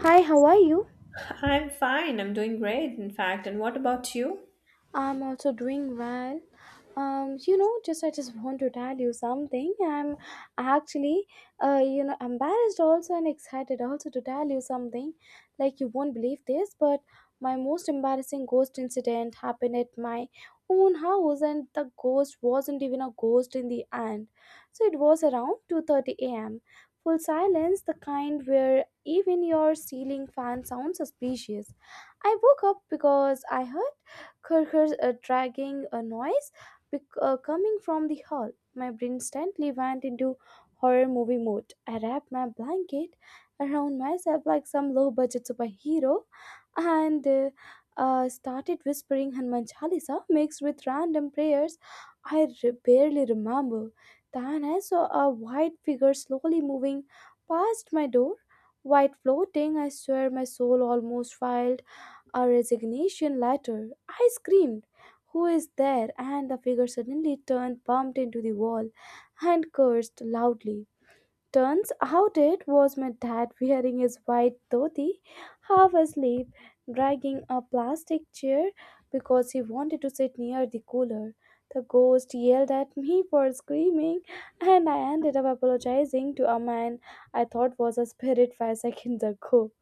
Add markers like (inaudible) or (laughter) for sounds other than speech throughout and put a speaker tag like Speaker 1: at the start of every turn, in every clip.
Speaker 1: Hi, how are you?
Speaker 2: I'm fine. I'm doing great, in fact. And what about you?
Speaker 1: I'm also doing well. You know just I just want to tell you something. I'm actually embarrassed also and excited also to tell you something. Like, you won't believe this, but my most embarrassing ghost incident happened at my own house, and the ghost wasn't even a ghost in the end. So it was around 2:30 a.m., full silence, the kind where even your ceiling fan sounds suspicious. I woke up because I heard kurkur's dragging a noise coming from the hall. My brain instantly went into horror movie mode. I wrapped my blanket around myself like some low budget superhero and started whispering Hanuman Chalisa mixed with random prayers barely remember. Then I saw a white figure slowly moving past my door, white floating. I swear my soul almost filed a resignation letter. I screamed, "Who is there?" And the figure suddenly turned, bumped into the wall, and cursed loudly. Turns out it was my dad wearing his white dhoti, half asleep, dragging a plastic chair because he wanted to sit near the cooler. The ghost yelled at me for screaming, and I ended up apologizing to a man I thought was a spirit 5 seconds ago.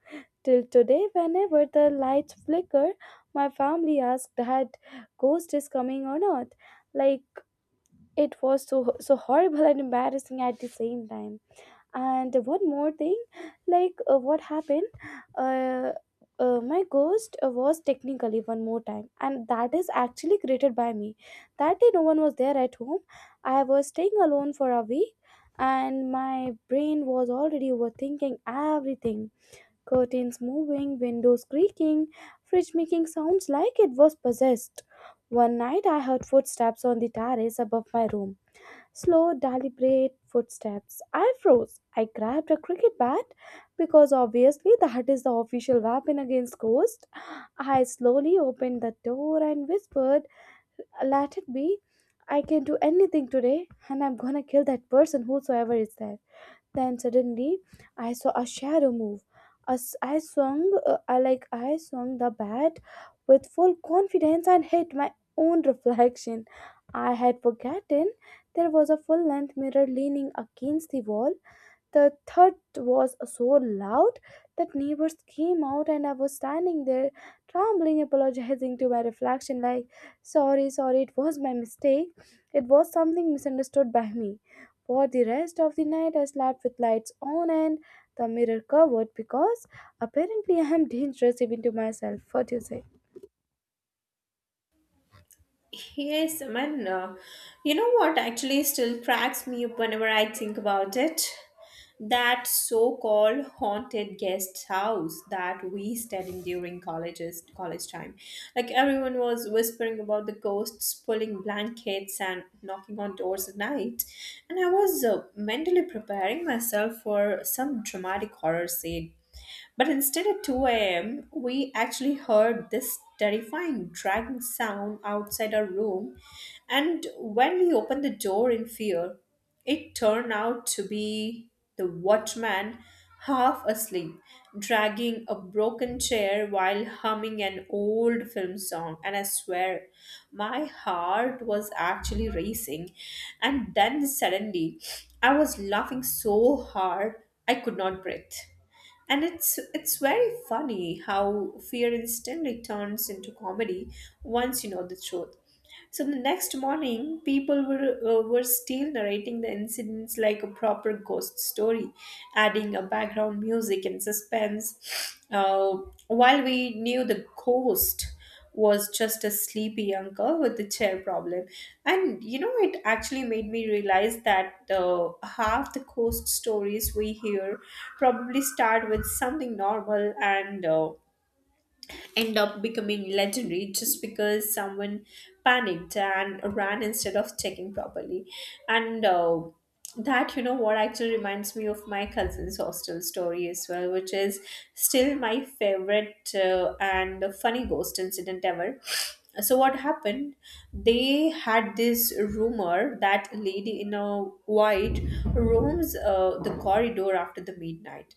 Speaker 1: Till today, whenever the lights flicker, my family asked that ghost is coming or not. Like, it was so horrible (laughs) and embarrassing at the same time. And one more thing, like, what happened? Uh, my ghost was technically one more time, and that is actually created by me. That day, no one was there at home. I was staying alone for a week, and my brain was already overthinking everything, curtains moving, windows creaking, fridge making sounds like it was possessed. One night I heard footsteps on the terrace above my room. Slow, deliberate footsteps. I froze. I grabbed a cricket bat because obviously (laughs) that is the official weapon against ghosts. I slowly opened the door and whispered, "Let it be. I can do anything today, and I'm gonna kill that person, whosoever is there." Then suddenly, I saw a shadow move. As I swung the bat with full confidence and hit my own reflection. I had forgotten there was a full-length mirror leaning against the wall. The thud was so loud that neighbors came out, and I was standing there trembling, apologizing to my reflection, like, "Sorry, sorry, it was my mistake. It was something misunderstood by me." For the rest of the night, I slept with lights on and the mirror covered because apparently I am dangerous even to myself. What do you say?
Speaker 2: Yes, I mean, you know what actually still cracks me up whenever I think about it? That so called haunted guest house that we stayed in during college time. Like everyone was whispering about the ghosts pulling blankets and knocking on doors at night. And I was mentally preparing myself for some dramatic horror scene. But instead, at 2 a.m., we actually heard this terrifying dragging sound outside our room. And when we opened the door in fear, it turned out to be the watchman, half asleep, dragging a broken chair while humming an old film song. And I swear, my heart was actually racing. And then suddenly, I was laughing so hard I could not breathe, and it's very funny how fear instantly turns into comedy once you know the truth. So the next morning, people were still narrating the incidents like a proper ghost story, adding a background music and suspense. Uh, while we knew the ghost was just a sleepy uncle with the chair problem, and you know, it actually made me realize that half the ghost stories we hear probably start with something normal and end up becoming legendary just because someone panicked and ran instead of checking properly. And That, what actually reminds me of my cousin's hostel story as well, which is still my favorite and funny ghost incident ever. So, what happened? They had this rumor that lady in a white roams the corridor after the midnight,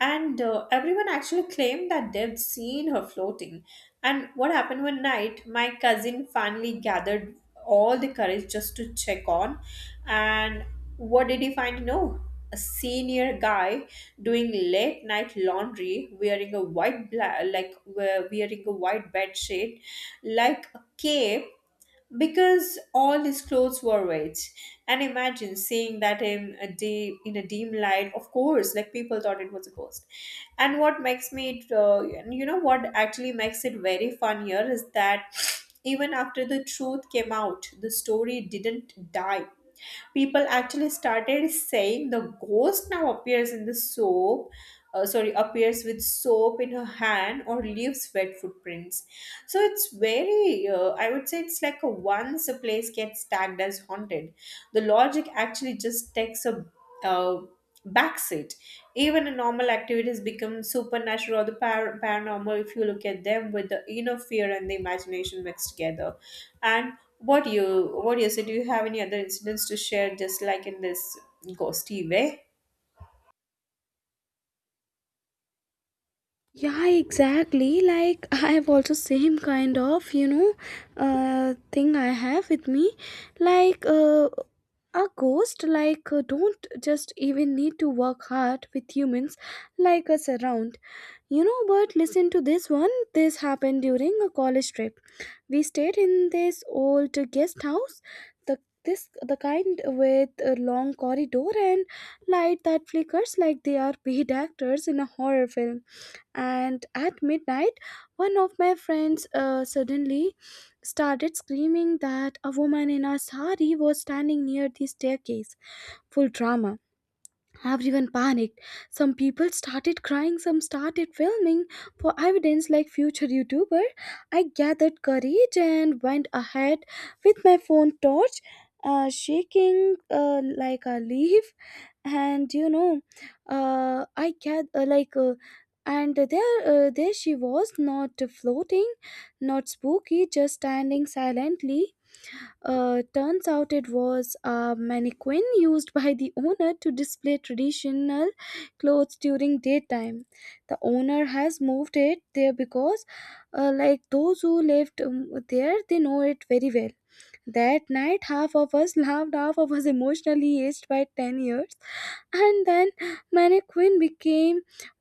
Speaker 2: and everyone actually claimed that they'd seen her floating. And what happened, one night my cousin finally gathered all the courage just to check on. And what did he find? No, a senior guy doing late night laundry, wearing a white bed sheet, like a cape, because all his clothes were wet. And imagine seeing that in a day, in a dim light, of course, like people thought it was a ghost. And what makes me it, and you know what actually makes it very fun here is that even after the truth came out, the story didn't die. People actually started saying the ghost now appears in the soap, sorry, appears with soap in her hand, or leaves wet footprints. So it's very, I would say, it's like, a once a place gets tagged as haunted, the logic actually just takes a uh, backseat. Even a normal activities become supernatural or the paranormal if you look at them with the inner fear and the imagination mixed together. And what do you say? Do you have any other incidents to share, just like in this ghosty way?
Speaker 1: Yeah, exactly. Like, (laughs) I have also same kind of thing I have with me. Like, a ghost, like, don't just even need to work hard with humans like us around. You know, but listen to this one. This happened during a college trip. We stayed in this old guest house. The the kind with a long corridor and light that flickers like they are paid actors in a horror film. And at midnight, one of my friends suddenly started screaming that a woman in a sari was standing near the staircase. Full drama. Everyone panicked. Some people started crying, some started filming for evidence like future youtuber. I gathered courage and went ahead with my phone torch, shaking like a leaf. And you know, I can like and there, there she was, not floating, not spooky, just standing silently. Uh, turns out it was a mannequin used (laughs) by the owner to display traditional clothes during daytime. The owner has moved it there because, like those who lived there, they know it very well. That night, half of us laughed, half of us emotionally aged by 10 years. And then Mannequin became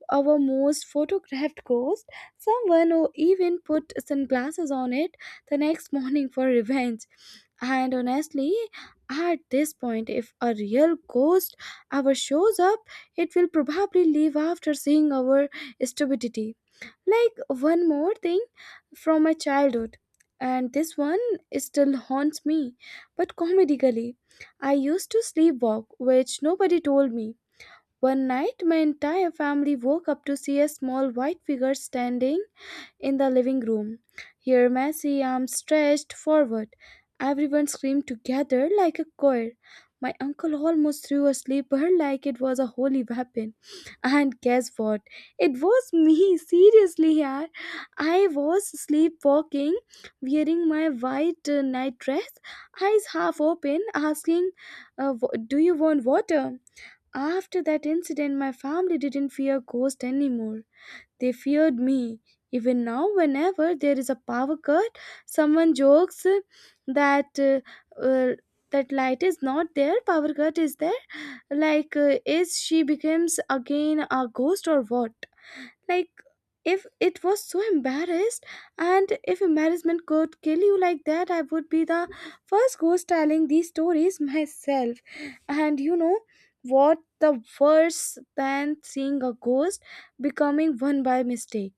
Speaker 1: our most photographed ghost. Someone who even put sunglasses on it the next morning for revenge. And honestly, at this point, if a real ghost ever shows up, it will probably leave after seeing our stupidity. Like, one more thing from my childhood, and this one is still haunts me, but comedically. I used to sleepwalk, which nobody told me. One night, my entire family woke up to see a small white figure standing in the living room. Here, Messi, arms stretched forward. Everyone screamed together like a choir. My uncle almost threw a slipper like it was a holy weapon. And guess what? It was me, seriously, yeah. I was sleepwalking, wearing my white night, eyes half open, asking, " Do you want water?" After that incident, my family didn't fear ghosts anymore. They feared me. Even now, whenever there is a power cut, someone jokes that uh, that light is not there, power cut is there. Like, is she becomes again a ghost or what? Like, if it was so embarrassed, and if embarrassment could kill you like that, I would be the first ghost telling these stories myself. And you know what? The worse than seeing a ghost becoming one by mistake.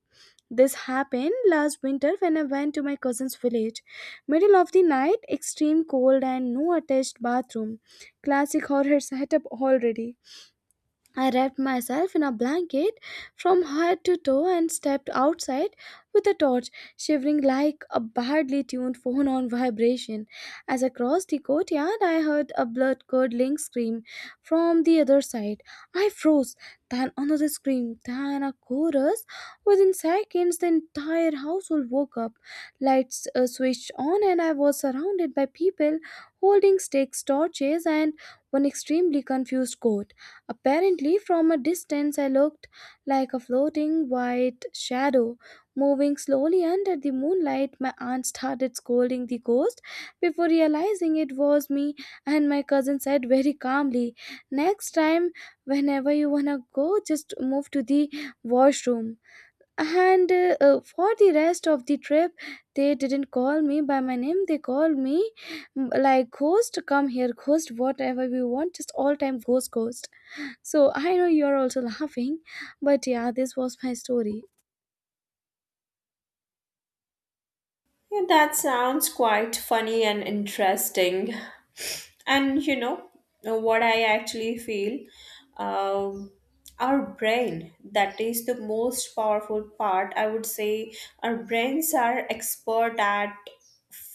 Speaker 1: This happened last winter when I went to my cousin's village. Middle of the night, extreme cold and no attached bathroom. Classic horror setup already. I wrapped myself in a blanket from head to toe and stepped outside with a torch, shivering like a badly tuned phone on vibration. As I crossed the courtyard, I heard a blood curdling scream from the other side. I froze, then another scream, then a chorus. Within seconds, the entire household woke up. Lights switched on, and I was surrounded by people holding sticks, torches, and one extremely confused goat. Apparently, from a distance, I looked like a floating white shadow moving slowly under the moonlight. My aunt started scolding the ghost before realizing it was me, and my cousin said very calmly, "Next time, whenever you wanna go, just move to the washroom." And for the rest of the trip, they didn't call me by my name, they called me like, "Ghost, come here, ghost, whatever we want," just all time ghost, ghost. So I know you're also laughing, but yeah, this was my story.
Speaker 2: Yeah, that sounds quite funny and interesting. And you know, what I actually feel? Um, our brain, that is the most powerful part. I would say our brains are expert at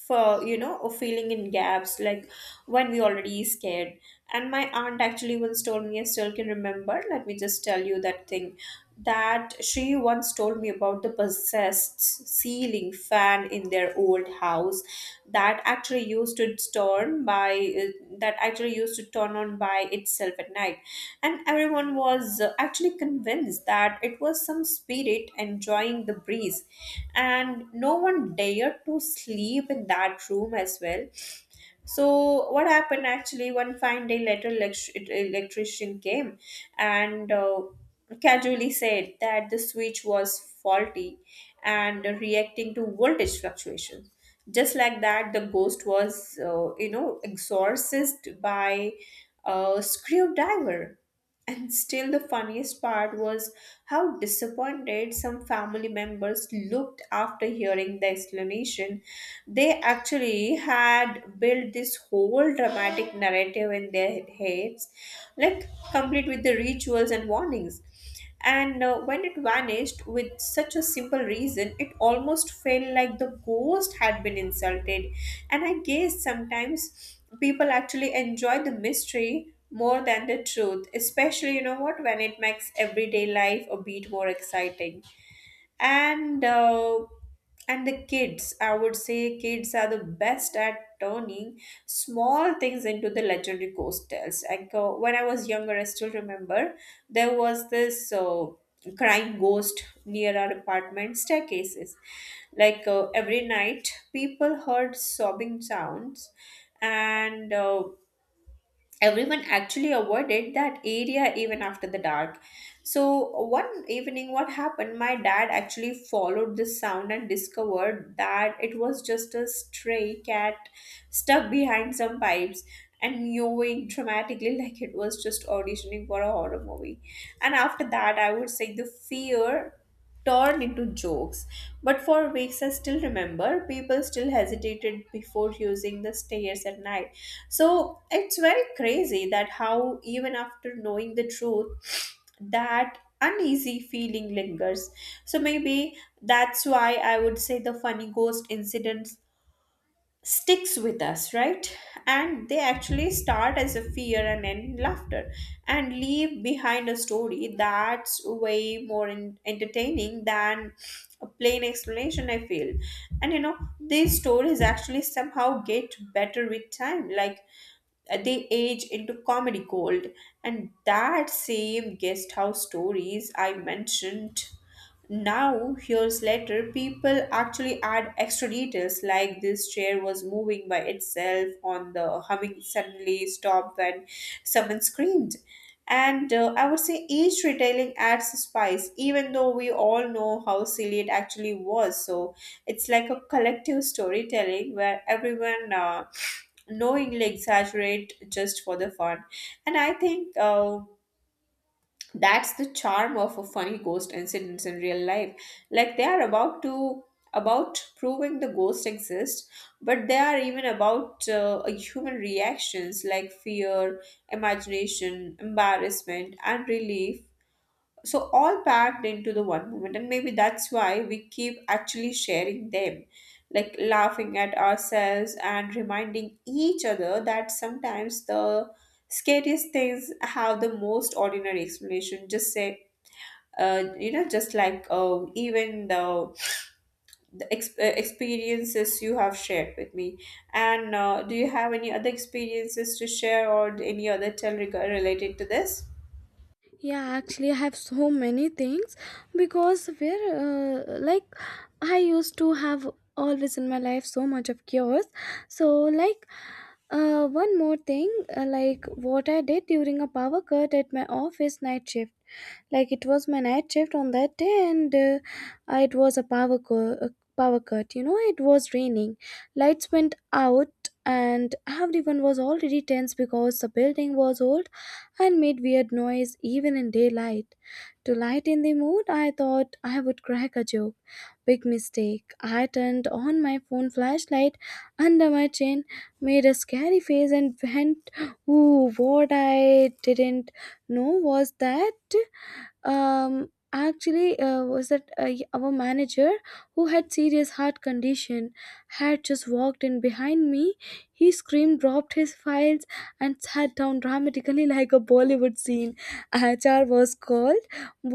Speaker 2: for or filling in gaps, like when we already scared. And my aunt actually once told me, I still can remember, let me just tell you that thing that she once told me about the possessed ceiling fan in their old house that that actually used to turn by that actually used to turn on by itself at night. And everyone was actually convinced that it was some spirit enjoying the breeze, and no one dared to sleep in that room as well. So what happened, actually one fine day later, electrician came and casually said that the switch was faulty and reacting to voltage fluctuations. Just like that, the ghost was exorcised by a screwdriver. And still, the funniest part was how disappointed some family members looked after hearing the explanation. They actually had built this whole dramatic narrative in their heads, like complete with the rituals and warnings. And when it vanished with such a simple reason, it almost felt like the ghost had been insulted. And I guess sometimes people actually enjoy the mystery more than the truth, especially, you know what, when it makes everyday life a bit more exciting. And uh, and the kids I would say kids are the best at turning small things into the legendary ghost tales, like, when I was younger I still remember there was this crying ghost near our apartment staircases. Like, every night people heard sobbing sounds, and everyone actually avoided that area even after the dark. So one evening, what happened, my dad actually followed this sound and discovered that it was just a stray cat stuck behind some pipes and mewing dramatically (laughs) like it was just auditioning for a horror movie. And after that, I would say, the fear torn into jokes. But for weeks, I still remember, people still hesitated before using the stairs at night. So it's very crazy that how, even after knowing the truth, that uneasy feeling lingers. So maybe that's why I would say the funny ghost incident sticks with us, right? And they actually start as a fear and end in laughter, and leave behind a story that's way more entertaining than a plain explanation, I feel. And you know, these stories actually somehow get better with time. Like, they age into comedy gold. And that same guest house stories I mentioned, now years later people actually add extra details, like this chair was moving by itself, on the humming suddenly stopped when someone screamed. And I would say each retailing adds a spice, even though we all know how silly it actually was. So it's like a collective storytelling where everyone knowingly exaggerate just for the fun. And I think, that's the charm of a funny ghost incidents in real life. Like, they are about proving the ghost exists, but they are even about human reactions, like fear, imagination, embarrassment, and relief. So all packed into the one moment, and maybe that's why we keep actually sharing them, like laughing at ourselves and reminding each other that sometimes the scariest things have the most ordinary explanation. Just say, you know, just like, even the experiences you have shared with me. And do you have any other experiences to share, or any other related to this?
Speaker 1: Yeah, actually, I have so many things because where, like, I used to have always in my life so much of chaos. So, like, one more thing, like, what I did during a power cut at my office night shift. Like, it was my night shift on that day, and it was a power cut. Power cut, you know, it was raining, lights went out, and everyone was already tense because the building was old and made weird noise even in daylight. To lighten the mood, I thought I would crack a joke. Big mistake. I turned on my phone flashlight under my chin, made a scary face, and went, "Ooh," what I didn't know was that actually was that y- our manager who had serious heart condition had just walked in behind me. He screamed, dropped his files, and sat down dramatically (laughs) like a bollywood scene. HR was called,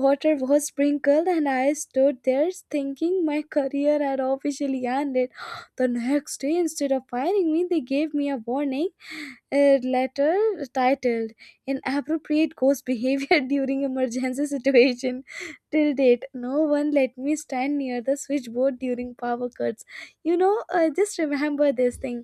Speaker 1: water was sprinkled, and I stood there thinking my career had officially ended. The next day, instead of firing me, they gave me a warning, a letter titled "inappropriate ghost behavior" (laughs) during emergency situation. Till date, no one let me stand near the switchboard during power cuts. You know, just remember this thing.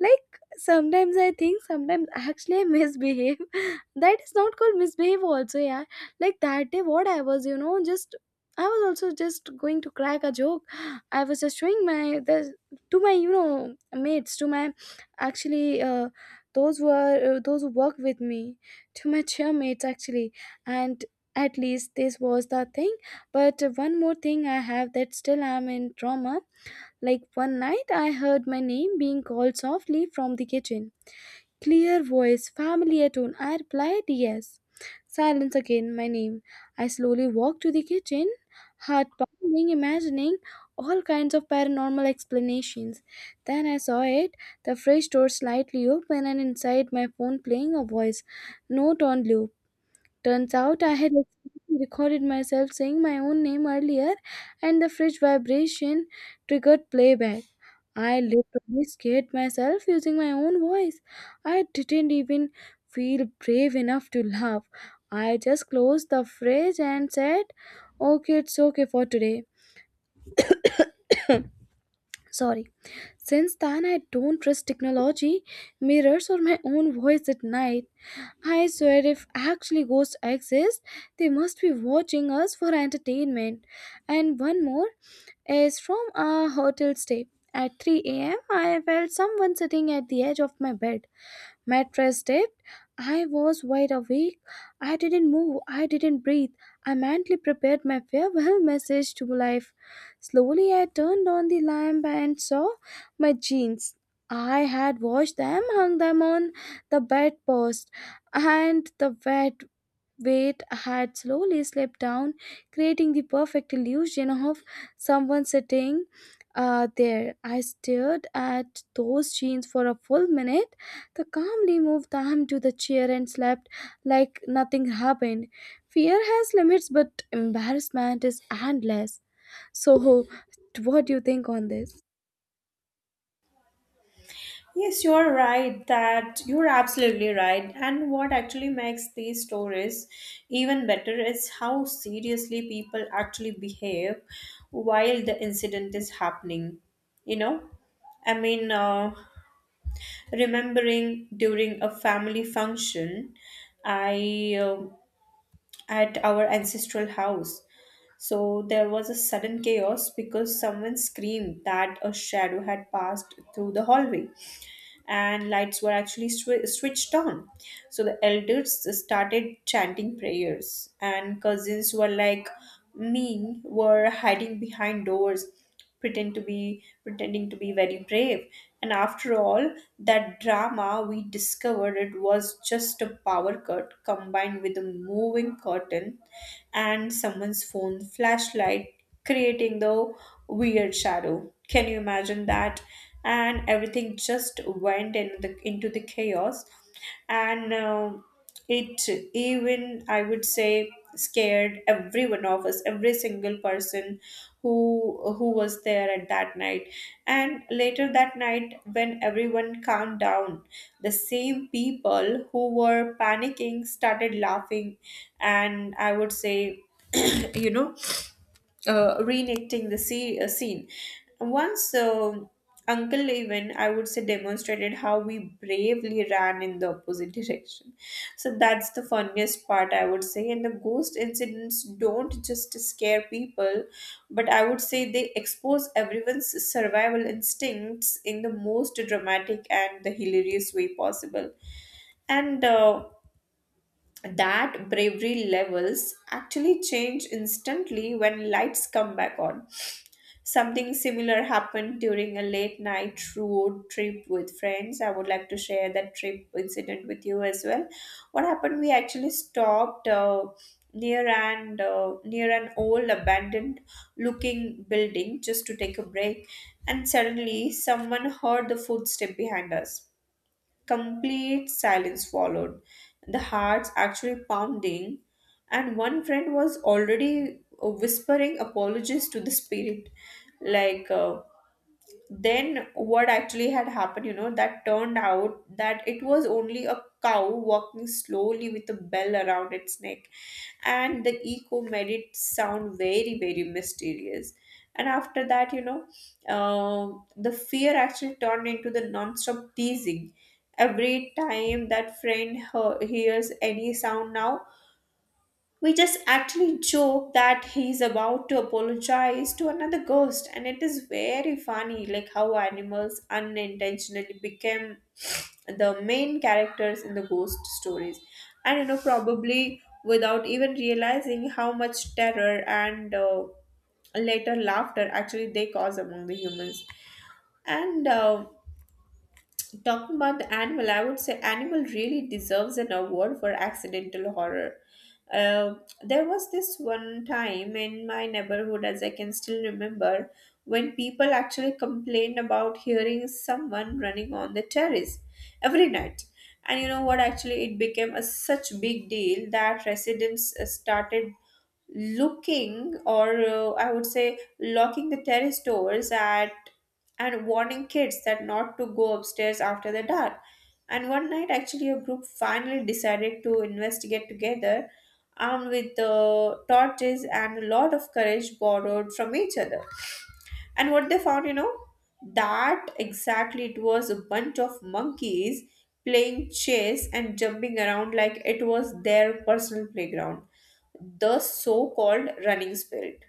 Speaker 1: Like, sometimes I think, sometimes actually I misbehave, (laughs) that is not called misbehave also, yeah. Like, that day what I was, you know, just I was also just going to crack a joke. I was just showing my the to my, you know, mates, to my actually, those were, those who work with me, to my chairmates actually. And at least this was the thing. But one more thing I have that still I'm in trauma. Like, one night I heard my name being called softly from the kitchen. Clear voice, familiar tone. I replied yes. Silence. Again, my name. I slowly walked to the kitchen, heart pounding, imagining all kinds of paranormal explanations. Then I saw it, the fridge door slightly open, and inside my phone playing a voice note on loop. Turns out I had accidentally recorded myself saying my own name earlier, and the fridge vibration triggered playback. I literally scared myself using my own voice. I didn't even feel brave enough to laugh. I just closed the fridge and said, "Okay, it's okay for today. Sorry." Since then, I don't trust technology, mirrors, or my own voice at night. I swear, if actually ghosts exist, they must be watching us for entertainment. And one more is from a hotel stay. At 3 a.m., I felt someone sitting at the edge of my bed, mattress depth. I was wide awake. I didn't move. I didn't breathe. I mentally prepared my farewell message to life. Slowly, I turned on the lamp and saw my jeans. I had washed them, hung them on the bedpost, and the wet weight had slowly slipped down, creating the perfect illusion of someone sitting there. I stared at those jeans for a full minute, the calmly moved the to the chair and slept like nothing happened. Fear has limits, but embarrassment is endless. So, what do you think on this?
Speaker 2: Yes, you're absolutely right. And what actually makes these stories even better is how seriously people actually behave while the incident is happening. You know, I mean, remembering during a family function, I at our ancestral house. So there was a sudden chaos because someone screamed that a shadow had passed through the hallway, and lights were actually switched on. So the elders started chanting prayers, and cousins were like me were hiding behind doors, pretending to be very brave. And after all that drama, we discovered it was just a power cut combined with a moving curtain and someone's phone flashlight creating the weird shadow. Can you imagine that? And everything just went into the chaos. And it even, I would say, scared every one of us, every single person who was there at that night. And later that night when everyone calmed down, the same people who were panicking started laughing. And I would say (clears throat) you know reenacting the scene. Once, uncle even, I would say, demonstrated how we bravely ran in the opposite direction. So that's the funniest part, I would say. And the ghost incidents don't just scare people, but I would say they expose everyone's survival instincts in the most dramatic and the hilarious way possible. And that bravery levels actually change instantly when lights come back on. Something similar happened during a late night road trip with friends. I would like to share that trip incident with you as well. What happened? We actually stopped near an old abandoned looking building, just to take a break. And suddenly someone heard the footstep behind us. Complete silence followed, the hearts actually pounding, and one friend was already whispering apologies to the spirit, like. Then what actually had happened, you know, that turned out that it was only a cow walking slowly with a bell around its neck, and the echo made it sound very, very mysterious. And after that, you know, the fear actually turned into the non-stop teasing. Every time that friend hears any sound now, we just actually joke that he's about to apologize to another ghost, and it is very funny, like how animals unintentionally became the main characters in the ghost stories, and you know, probably without even realizing how much terror and later laughter actually they cause among the humans. And Talking about the animal, I would say animal really deserves an award for accidental horror. Uh, there was this one time in my neighborhood, as I can still remember, when people actually complained about hearing someone running on the terrace every night. And you know what? Actually, it became a such big deal that residents started looking or I would say locking the terrace doors at and warning kids that not to go upstairs after the dark and one night actually a group finally decided to investigate together armed with the torches and a lot of courage borrowed from each other and what they found, you know, that exactly it was a bunch of monkeys playing chess and jumping around like it was their personal playground. The so called running spirit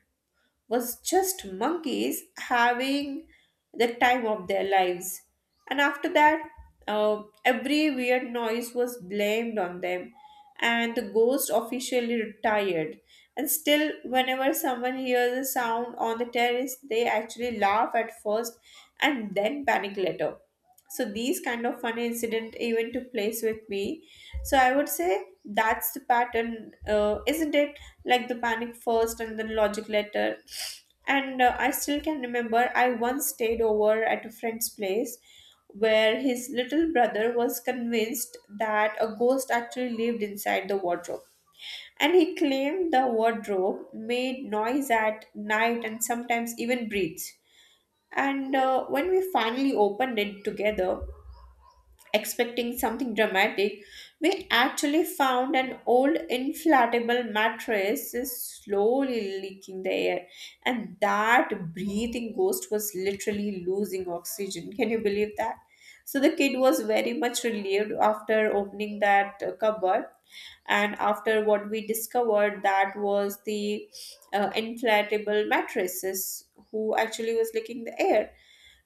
Speaker 2: was just monkeys having the time of their lives. And after that, every weird noise was blamed on them, and the ghost officially retired. And still, whenever someone hears a sound on the terrace, they actually laugh at first and then panic later. So these kind of fun incident even took place with me, so I would say that's the pattern, isn't it, like the panic first and then logic later. And uh, i still can remember I once stayed over at a friend's place where his little brother was convinced that a ghost actually lived inside the wardrobe and he claimed the wardrobe made noise at night and sometimes even breathes. And when we finally opened it together, expecting something dramatic, we actually found an old inflatable mattress is slowly leaking the air, and that breathing ghost was literally losing oxygen. Can you believe that? So the kid was very much relieved after opening that cupboard. And after what we discovered, that was the inflatable mattresses who actually was leaking the air,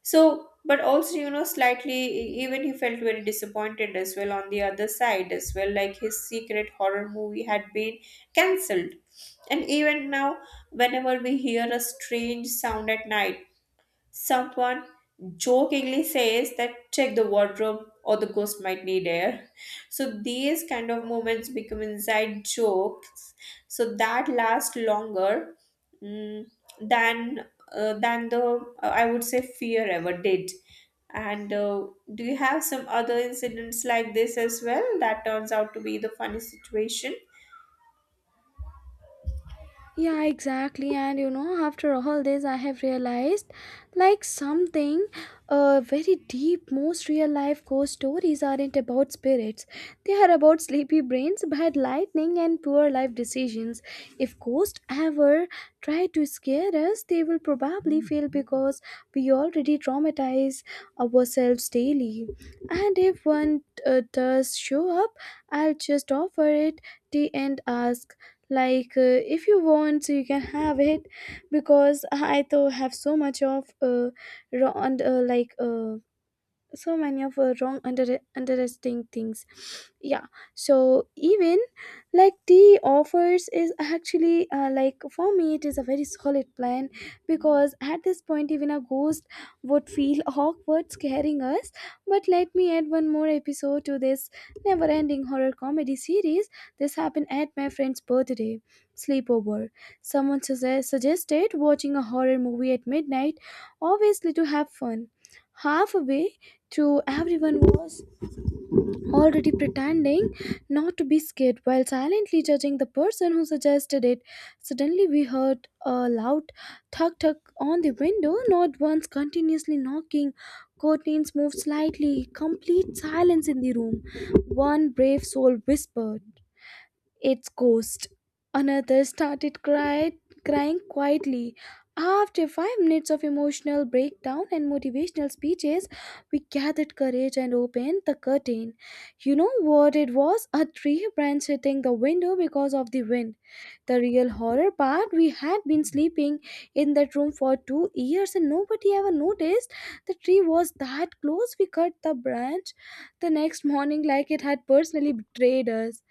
Speaker 2: so, but also, you know, slightly, even he felt very disappointed as well on the other side as well. Like his secret horror movie had been cancelled. And even now, whenever we hear a strange sound at night, someone jokingly says that check the wardrobe or the ghost might need air. So these kind of moments become inside jokes. So that lasts longer mm, than than the I would say fear ever did. And do you have some other incidents like this as well that turns out to be the funny situation?
Speaker 1: Yeah, exactly. And you know, after all this, I have realized like something very deep. Most real life ghost stories aren't about spirits, they are about sleepy brains, bad lightning, and poor life decisions. If ghosts ever try to scare us, they will probably fail because we already traumatize ourselves daily. And if one does show up, I'll just offer it tea and ask like if you want you can have it because I though have so much of raw and like so many of wrong under interesting things. Yeah. So even like the offers is actually like for me it is a very solid plan, because at this point even a ghost would feel (laughs) awkward scaring us. But let me add one more episode to this never ending horror comedy series. This happened at my friend's birthday sleepover. Someone suggested watching a horror movie at midnight, obviously to have fun. Halfway to, everyone was already pretending not to be scared while silently judging the person who suggested it. Suddenly, we heard a loud thud thud on the window, not once, continuously knocking. Curtains moved slightly, complete silence in the room. One brave soul whispered, its ghost. Another started cried, crying quietly. After 5 minutes of emotional breakdown and motivational speeches, we gathered courage and opened the curtain. You know what it was? A tree branch hitting the window because of the wind. The real horror part, we had been sleeping in that room for 2 years and nobody ever noticed the tree was that close. We cut the branch the next morning like it had personally betrayed us.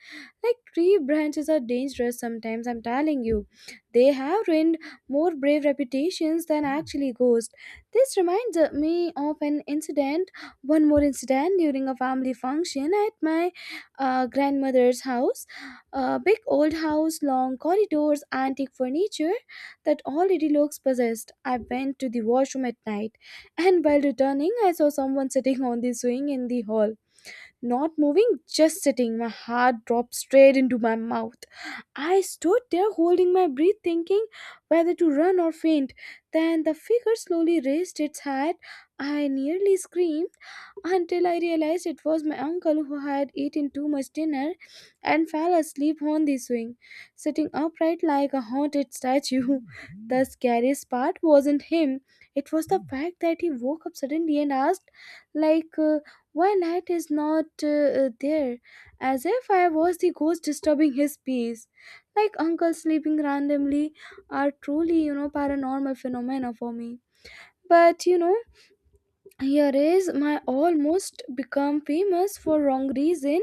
Speaker 1: Like, tree branches are dangerous sometimes, I'm telling you. They have ruined more brave reputations than actually ghosts. This reminds me of an incident, one more incident during a family function at my grandmother's house. A big old house, long corridors, antique furniture that already looks possessed. I went to the washroom at night, and while returning, I saw someone sitting on the swing in the hall, not moving, just sitting. My heart dropped straight into my mouth. I stood there holding my breath, thinking whether to run or faint. Then the figure slowly raised its head. I nearly screamed until I realized it was my uncle who had eaten too much dinner and fell asleep on the swing, sitting upright like a haunted statue. (laughs) The scariest part wasn't him, it was the fact that he woke up suddenly and asked, like, why night is not there? As if I was the ghost disturbing his peace. Like, uncle sleeping randomly are truly, you know, paranormal phenomena for me. But you know, here is my almost become famous for wrong reason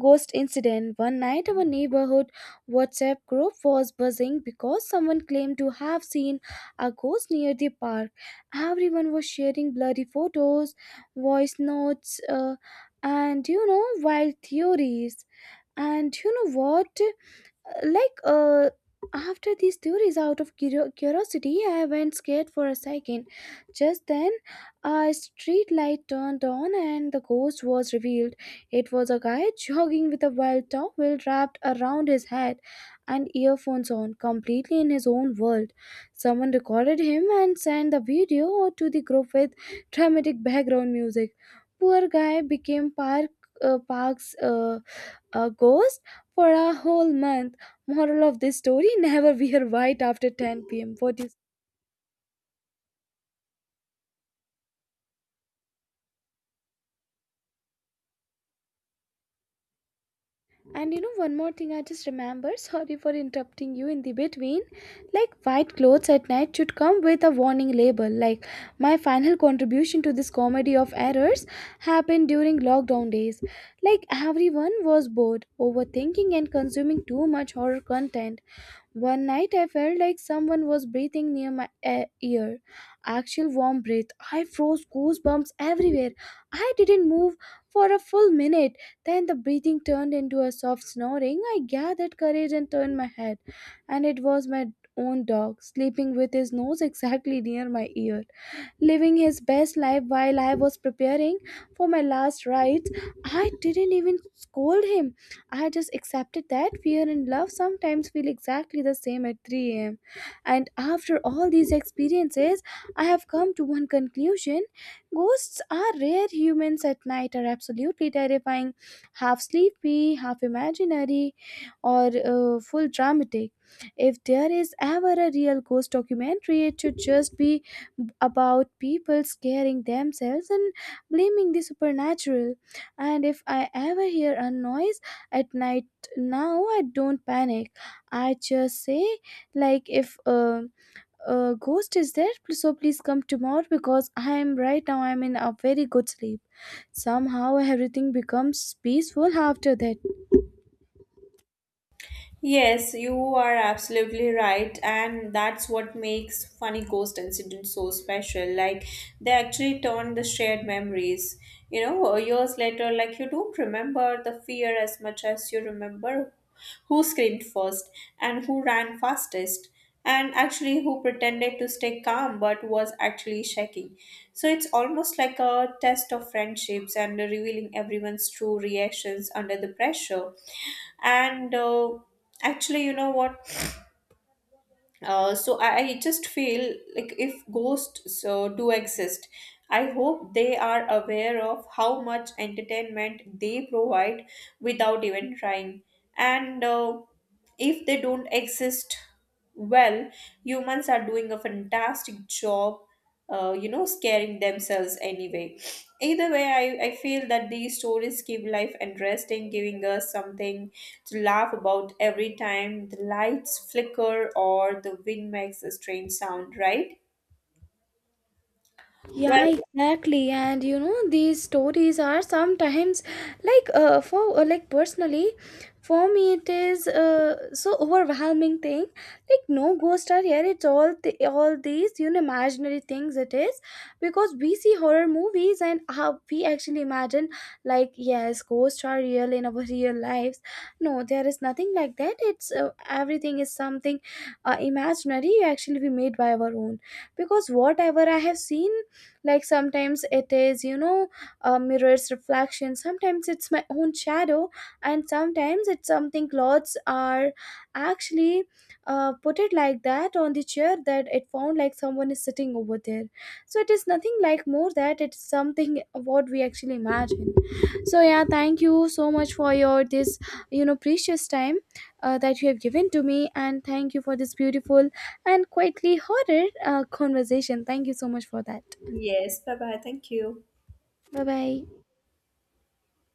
Speaker 1: ghost incident. One night, our neighborhood WhatsApp group was buzzing because someone claimed to have seen a ghost near the park. Everyone was sharing blurry photos, voice notes, and you know, wild theories. And you know what? Like after these theories out of curiosity, I went scared for a second. Just then a street light turned on and the ghost was revealed. It was a guy (laughs) jogging with a wild towel wrapped around his head and earphones on, completely in his own world. Someone recorded him and sent the video to the group with dramatic background music. Poor guy became park park's a ghost for a whole month. Moral of this story, never wear white after 10 pm. What is, and you know, one more thing I just remember. Sorry for interrupting you in the between. Like, white clothes at night should come with a warning label. Like, my final contribution to this comedy of errors happened during lockdown days. Like, everyone was bored, overthinking, and consuming too much horror content. One night I felt like someone was breathing near my ear. Actual warm breath. I froze, goosebumps everywhere. I didn't move for a full minute. Then the breathing turned into a soft snoring. I gathered courage and turned my head. And it was my own dog, sleeping with his nose exactly near my ear, living his best life while I was preparing for my last rites. I didn't even scold him. I just accepted that fear and love sometimes feel exactly the same at 3 a.m. And after all these experiences, I have come to one conclusion: ghosts are rare, humans at night are absolutely terrifying, half sleepy, half imaginary, or full dramatic. If there is ever a real ghost documentary, it should just be about people scaring themselves and blaming the supernatural. And if I ever hear a noise at night now, I don't panic. I just say, like, if a, a ghost is there, so please come tomorrow because I'm right now, I'm in a very good sleep. Somehow everything becomes peaceful after that.
Speaker 2: Yes, you are absolutely right, and that's what makes funny ghost incidents so special. Like, they actually turn the shared memories. You know, years later, like, you don't remember the fear as much as you remember who screamed first and who ran fastest, and actually who pretended to stay calm but was actually shaking. So, it's almost like a test of friendships and revealing everyone's true reactions under the pressure. And uh, actually you know what, so I just feel like if ghosts do exist, I hope they are aware of how much entertainment they provide without even trying. And uh, if they don't exist, well, humans are doing a fantastic job, you know, scaring themselves anyway. Either way, I feel that these stories keep life interesting, giving us something to laugh about every time the lights flicker or the wind makes a strange sound, right? Well,
Speaker 1: Yeah, exactly. And you know, these stories are sometimes like for like personally, for me it is so overwhelming thing. Like, no ghosts are here. It's all all these, you know, imaginary things. It is because we see horror movies and how we actually imagine like yes, ghosts are real in our real lives. No, there is nothing like that. It's everything is something imaginary actually we made by our own. Because whatever I have seen, like sometimes it is, you know, a mirror's reflection, sometimes it's my own shadow, and sometimes it's something clothes are actually put it like that on the chair that it found like someone is sitting over there. So it is nothing like more that it's something (laughs) what we actually imagine. So yeah, thank you so much for your this, you know, precious time that you have given to me, and thank you for this beautiful and quietly horror conversation. Thank you so much for that.
Speaker 2: yes, bye bye, thank you.
Speaker 1: Bye bye.